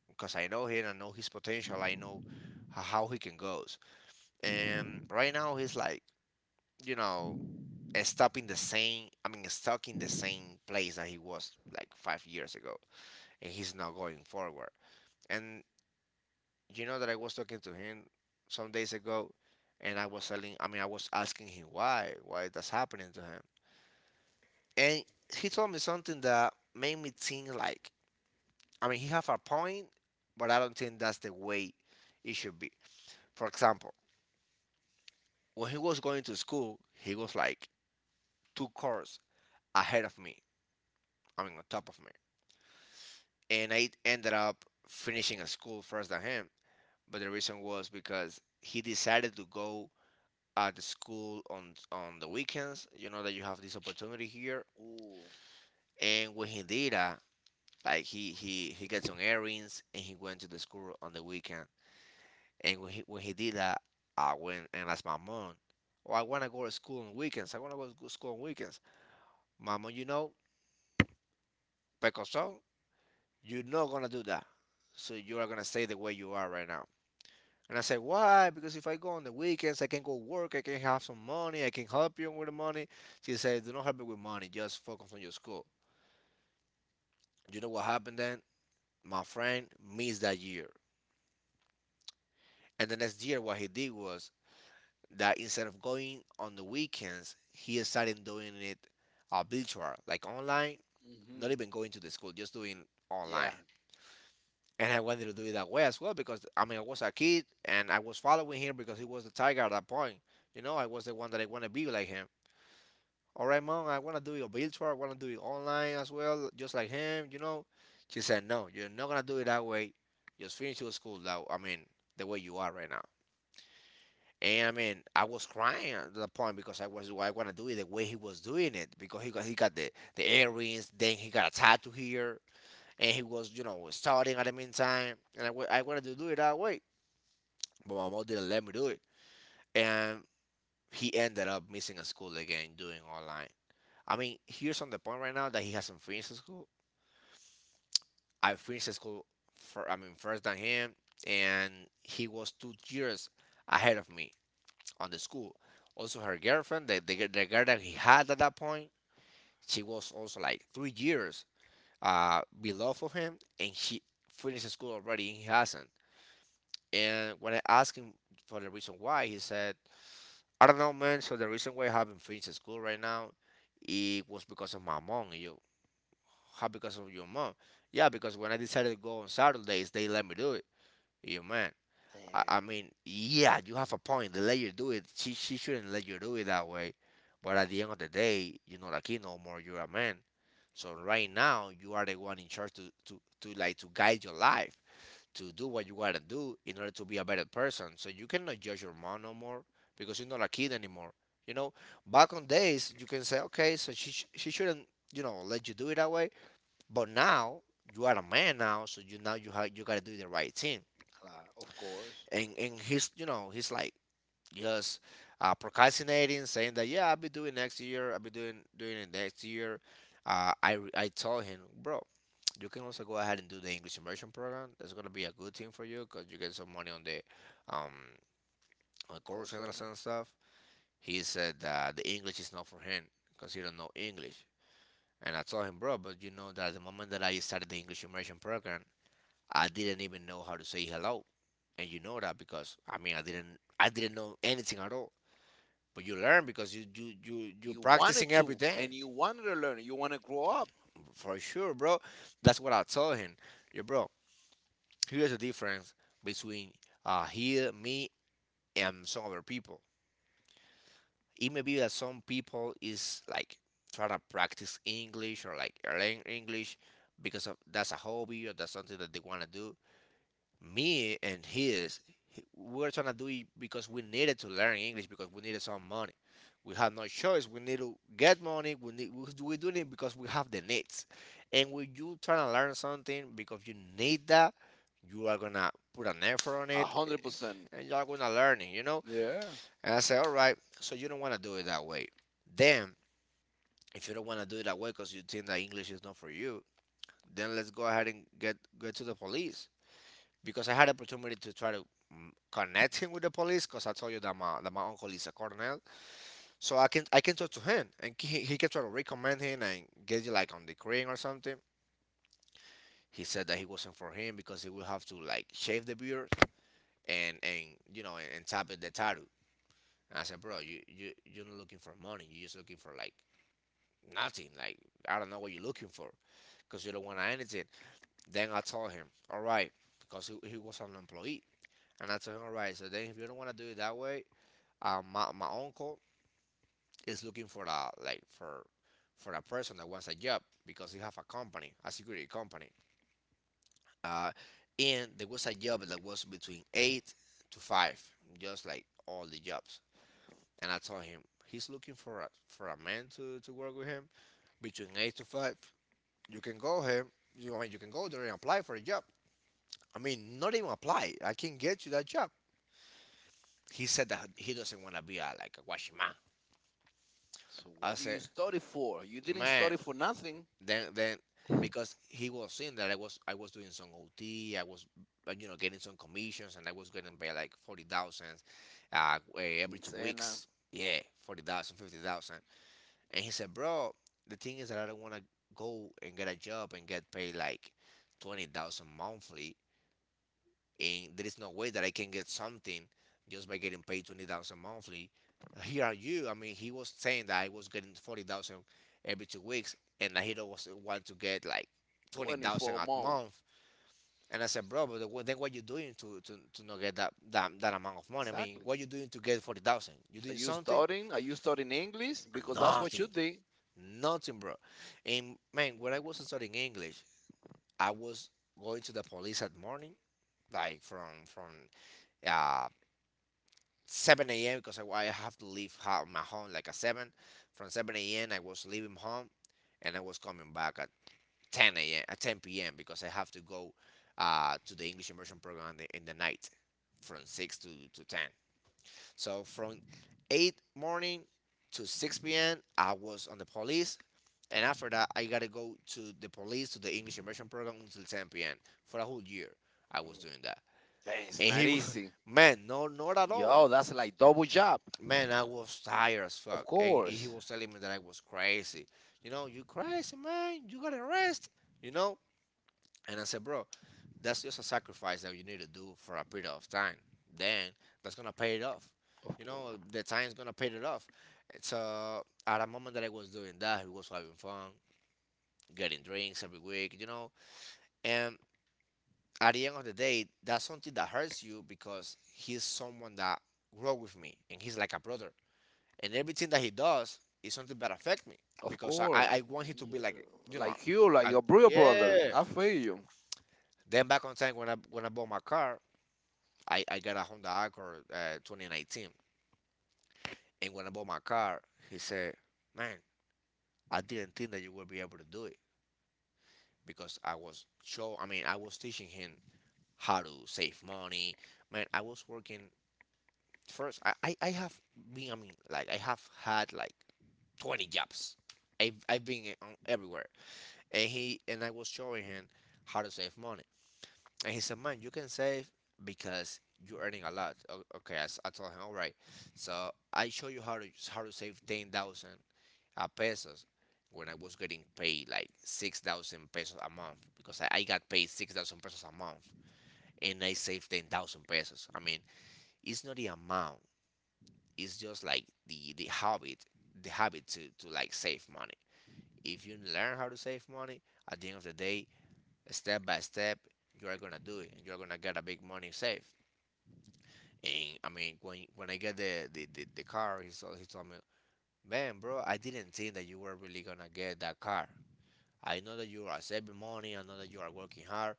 Because I know him, I know his potential, I know how he can goes. And right now he's like, you know, stuck in the same. I mean, stuck in the same place that he was like 5 years ago, and he's not going forward. And you know that I was talking to him some days ago, and I was telling, I mean, I was asking him why that's happening to him, and he told me something that made me think like, I mean, he have a point, but I don't think that's the way it should be. For example, when he was going to school, he was like two cars ahead of me. I mean, on top of me, and I ended up finishing a school first than him. But the reason was because he decided to go at the school on the weekends. You know that you have this opportunity here. Ooh. And when he did that, like he got some errands and he went to the school on the weekend. And when he did that, I went and asked my mom, "Oh, I wanna go to school on weekends. I wanna go to go school on weekends." Mama, you know, pecoso, you're not gonna do that. So you are gonna stay the way you are right now. And I said, why? Because if I go on the weekends, I can go work, I can have some money, I can help you with the money. She said, do not help me with money, just focus on your school. You know what happened then? My friend missed that year. And the next year, what he did was that instead of going on the weekends, he started doing it virtual, like online, Hmm. not even going to the school, just doing online. Yeah. And I wanted to do it that way as well because I mean I was a kid and I was following him because he was the tiger at that point. You know, I was the one that I want to be like him. All right, mom, I want to do your virtual. I want to do it online as well, just like him, you know. She said, no, you're not going to do it that way. Just finish your school, that, I mean, the way you are right now. And I mean, I was crying at the point because I want to do it the way he was doing it because he got the earrings, then he got a tattoo here, and he was you know starting at the meantime, and I wanted to do it that way, but my mom didn't let me do it, and he ended up missing a school again doing online. I mean, he's on the point right now that he has some friends in school. I have friends in school, for, I mean, first than him, and he was 2 years ahead of me on the school. Also, her girlfriend, the girl that he had at that point, she was also like 3 years below of him, and she finished school already, and he hasn't. And when I asked him for the reason why, he said, I don't know, man. So the reason why I haven't finished school right now, it was because of my mom. You, how because of your mom? Yeah, because when I decided to go on Saturdays, they let me do it. You man, I Damn. mean, yeah, you have a point. They let you do it. She shouldn't let you do it that way. But at the end of the day, you're not a kid no more. You're a man. So right now, you are the one in charge to like to guide your life, to do what you gotta do in order to be a better person. So you cannot judge your mom no more because you're not a kid anymore. You know, back on days, you can say, okay, so she shouldn't, you know, let you do it that way but now you are a man now, so you now you gotta do the right thing. Claro, of course. And he's you know he's like just procrastinating, saying that yeah I'll be doing next year, I'll be doing it next year. I told him, bro, you can also go ahead and do the English immersion program. That's gonna be a good thing for you because you get some money on the um on Call course center. and stuff. He said that the English is not for him because he don't know English. And I told him, bro, but you know that the moment that I started the English immersion program, I didn't even know how to say hello. And you know that because I mean I didn't know anything at all. But you learn because you're You wanted practicing every to, day. and you wanted to learn. You want to grow up. For sure, bro. That's what I told him. Yo, bro, here's the difference between here, me and some other people. It may be that some people is like trying to practice English or like learn English because of that's a hobby or that's something that they wanna do. Me and his we were trying to do it because we needed to learn English because we needed some money. We had no choice. We need to get money. We're doing it because we have the needs. And when you trying to learn something because you need that, you are gonna put an effort on A it, hundred percent. and you are gonna learn it. You know. Yeah. And I said, all right. So you don't want to do it that way. Then if you don't want to do it that way because you think that English is not for you, then let's go ahead and get to the police because I had opportunity to try to connect him with the police because I told you that my that my uncle is a colonel, so I can talk to him and he can try to recommend him and get you like on the crane or something. He said that he wasn't for him because he will have to like shave the beard and you know and tap it the tattoo. And I said, bro, you're not looking for money. You're just looking for like nothing. Like I don't know what you're looking for because you don't want anything. Then I told him, all right, because he was an employee. And I told him, all right, so then if you don't want to do it that way, my uncle is looking for a like for a person that wants a job because he have a company, a security company. Uh, and there was a job that was between eight to five, just like all the jobs. And I told him he's looking for a man to work with him between eight to five. You can go him. You I mean you can go there and apply for a job. I mean, not even apply. I can get you that job. He said that he doesn't want to be a, like a washing man. So I what do you said, study for? You didn't man, study for nothing. Then because he was seeing that I was doing some OT, I was you know getting some commissions, and I was getting paid like 40,000 every two Quincena, weeks. Yeah, 40,000, 50,000. And he said, bro, the thing is that I don't want to go and get a job and get paid like 20,000 monthly and there is no way that I can get something just by getting paid 20,000 monthly. Here are you. I mean, he was saying that I was getting 40,000 every 2 weeks, and he was want to get like 20,000 twenty-four a months. month. And I said, bro, but what- then what you doing to, not get that, that amount of money? I mean, Exactly. what you doing to get 40,000? You Are doing you something? studying? Are you studying English? Because that's what you Nothing. did. Nothing, bro. And man, when I was studying English, I was going to the police at morning, like from uh, 7 a.m. because I have to leave my home like at 7. From 7 a.m. I was leaving home and I was coming back at 10 a.m. at 10 p.m. because I have to go to the English immersion program in the night from 6 to 10. So from 8 morning to 6 p.m. I was on the police. And after that, I gotta go to the police to the English immersion program until 10 p.m. for a whole year. I was Mm. doing that. Hey, it's And not easy. man, no, not at all. Yo, that's like double job. Man, I was tired as Of fuck. And he course. was telling me that I was crazy. You know, you crazy, man. You gotta rest. You know? And I said, bro, that's just a sacrifice that you need to do for a period of time. Then that's gonna pay it off. Of You know, course. the time's gonna pay it off. And so at a moment that I was doing that, he was having fun, getting drinks every week. And at the end of the day, that's something that hurts you because he's someone that grew up with me and he's like a brother. And everything that he does is something that affect me Of because I, I course. I want him to be Yeah. like. Like you, like I, your real brother. yeah. I feel you. Then back on time when I bought my car, I got a Honda Accord 2019, and when I bought my car, he said, "Man, I didn't think that you would be able to do it because I was show. I mean, I was teaching him how to save money. Man, I was working first. I mean, like, I have had like 20 jobs. I've been on everywhere, and I was showing him how to save money, and he said, man, you can save because you're earning a lot. Okay, I told him, all right, so I show you how to save 10,000 pesos when I was getting paid like 6,000 pesos a month because I got paid 6,000 pesos a month and I saved 10,000 pesos. I mean, it's not the amount, it's just like the habit, the habit to like save money. If you learn how to save money, at the end of the day, step by step, you are gonna do it, and you're gonna get a big money saved. And I mean, when I get the car, he told me, man, bro, I didn't think that you were really gonna get that car. I know that you are saving money, I know that you are working hard,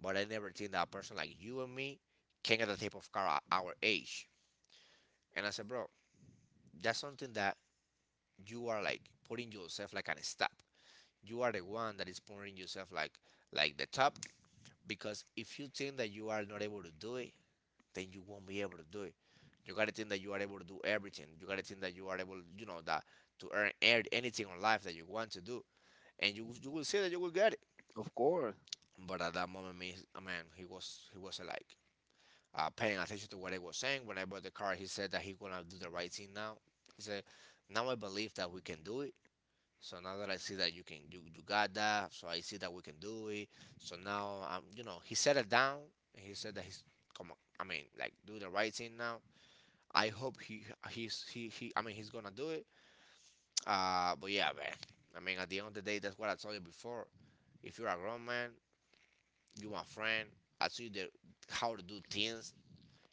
but I never think that a person like you and me can get the type of car at our age. And I said, bro, that's something that you are like putting yourself like an step. You are the one that is putting yourself like the top because if you think that you are not able to do it, then you won't be able to do it. You gotta think that you are able to do everything. You gotta think that you are able, that to earn anything on life that you want to do, and you will see that you will get it. Of course. But at that moment, me, I he was like paying attention to what I was saying. When I bought the car, he said that he gonna do the right thing now. He said, now I believe that we can do it. So now that I see that you got that, so I see that we can do it. So now he settled down, and he said that, he's come on, I mean, like, do the right thing now. I hope he he's he I mean he's gonna do it. But yeah, man. I mean, at the end of the day, that's what I told you before. If you're a grown man, you my friend, I tell you how to do things.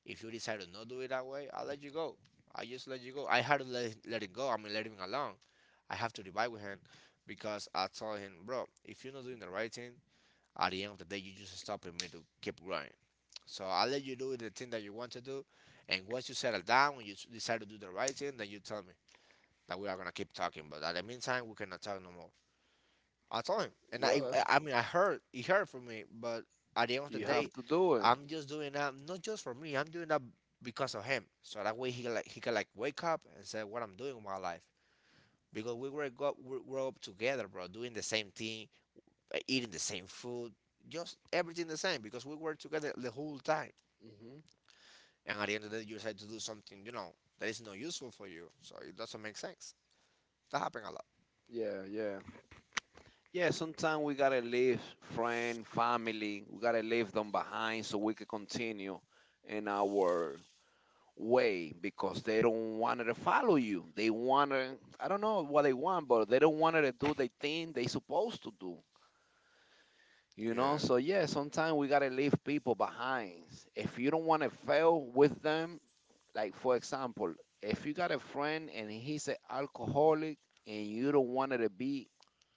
If you decide to not do it that way, I'll let you go. I just let you go. I had to let it go. I mean, let him alone. I have to divide with him because I told him, bro, if you're not doing the right thing, at the end of the day, you just stopping me to keep growing. So I let you do the thing that you want to do, and once you settle down, when you decide to do the right thing, then you tell me that we are gonna keep talking. But at the meantime, we cannot talk no more. I told him, and Yeah, that's, I mean I heard he heard from me, but at the end of the you have day, to do it. I'm just doing that not just for me. I'm doing that because of him. So that way he can like wake up and say what I'm doing with my life because we were go we grew up together, bro, doing the same thing, eating the same food, just everything the same because we were together the whole time. Hmm. And at the end of the day, you decide to do something that is not useful for you, so it doesn't make sense. That happened a lot. Yeah, yeah. Yeah, sometimes we gotta leave friend, family, we gotta leave them behind so we can continue in our way because they don't want to follow you. They want to, I don't know what they want, but they don't want to do the thing they supposed to do. You know, Yeah. so yeah, sometimes we gotta leave people behind. If you don't want to fail with them, like for example, if you got a friend and he's an alcoholic and you don't want to be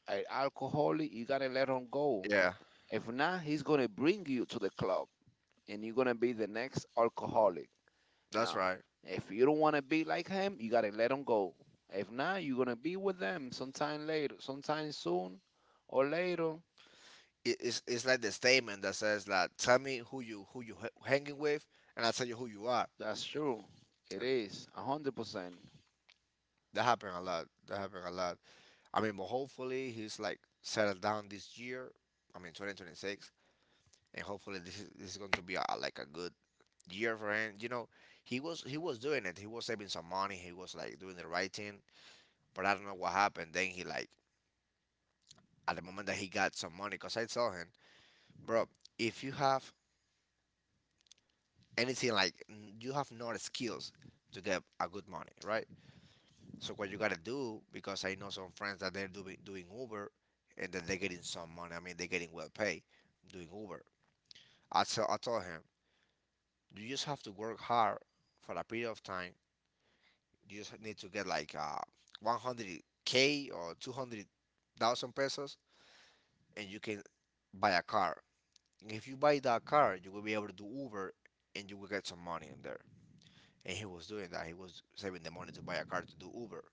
an alcoholic, you gotta let him go. Yeah, If not, he's going to bring you to the club and you're going to be the next alcoholic. that's Now, right. if you don't want to be like him, you got to let him go. If not, you're going to be with them sometime later, sometime soon or later. It's like the statement that says that tell me who you hanging with, and I'll tell you who you are. That's true. It And is 100%. that happened a lot. That happened a lot. I mean, but hopefully he's like settled down this year. I mean, 2026, and hopefully this is going to be like a good year for him. You know, he was doing it. He was saving some money. He was like doing the right thing. But I don't know what happened. Then he, like, at the moment that he got some money, cause I saw him. Bro, if you have anything like you have not skills to get a good money, right? So what you gotta do, because I know some friends that they're doing Uber and that they're getting some money. I mean, they're getting well paid doing Uber. I told him, you just have to work hard for a period of time. You just need to get like 100k or 200,000 pesos, and you can buy a car. And if you buy that car, you will be able to do Uber, and you will get some money in there. And he was doing that. He was saving the money to buy a car to do Uber.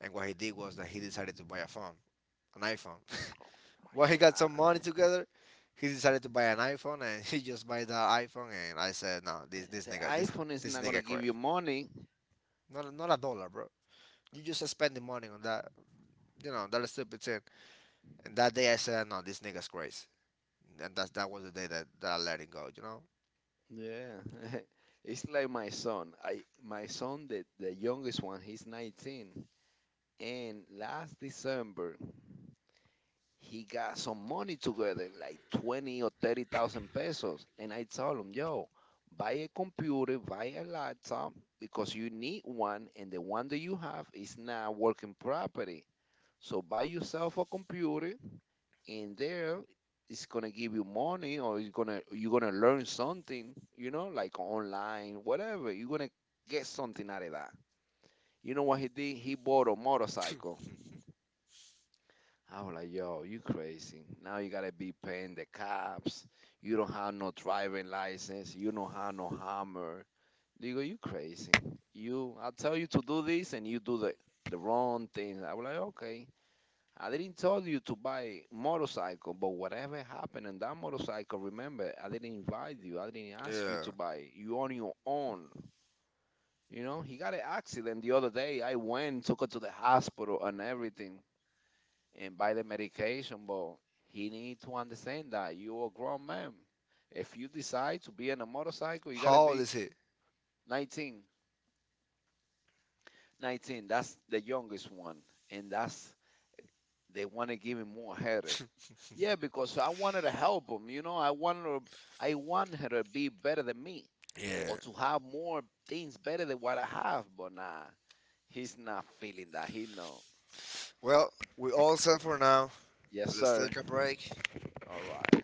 And what he did was that he decided to buy a phone, an iPhone. My When he got some money God, together, he decided to buy an iPhone, and he just buy that iPhone. And I said, no, this the nigga, this iPhone is this not gonna nigga give correct. you money. Not a dollar, bro. You just spending money on that, that stupid thing. And that day I said, no, this nigga's crazy. And that was the day that I let it go. Yeah, it's like my son. I My son, the youngest one, he's 19, and last December he got some money together, like 20 or 30,000 pesos. And I told him, yo, buy a computer, buy a laptop, because you need one, and the one that you have is not working properly. So buy yourself a computer, and there it's gonna give you money, or it's gonna, you're gonna learn something, you know, like online, whatever. You're gonna get something out of that. You know what he did? He bought a motorcycle. I was like, yo, you crazy. Now you gotta be paying the cops. You don't have no driving license. You don't have no hammer. They go, you crazy. You, I tell you to do this and you do the wrong thing. I was like, okay. I didn't tell you to buy motorcycle, but whatever happened in that motorcycle, remember, I didn't invite you. I didn't ask you to buy it. You on your own. You know, he got an accident the other day. I went, took her to the hospital and everything and buy the medication, but he need to understand that you're a grown man. If you decide to be in a motorcycle, you gotta Old it. be Is he? 19. 19, that's the youngest one, and that's they want to They give him more headache. Yeah, because I wanted to help him. You know, I wanted to, I want her to be better than me or want to have more things better than what I have. But nah, he's not feeling that. He know. Well, we all set for now. Yes, Sir. sir. Take a break. All right.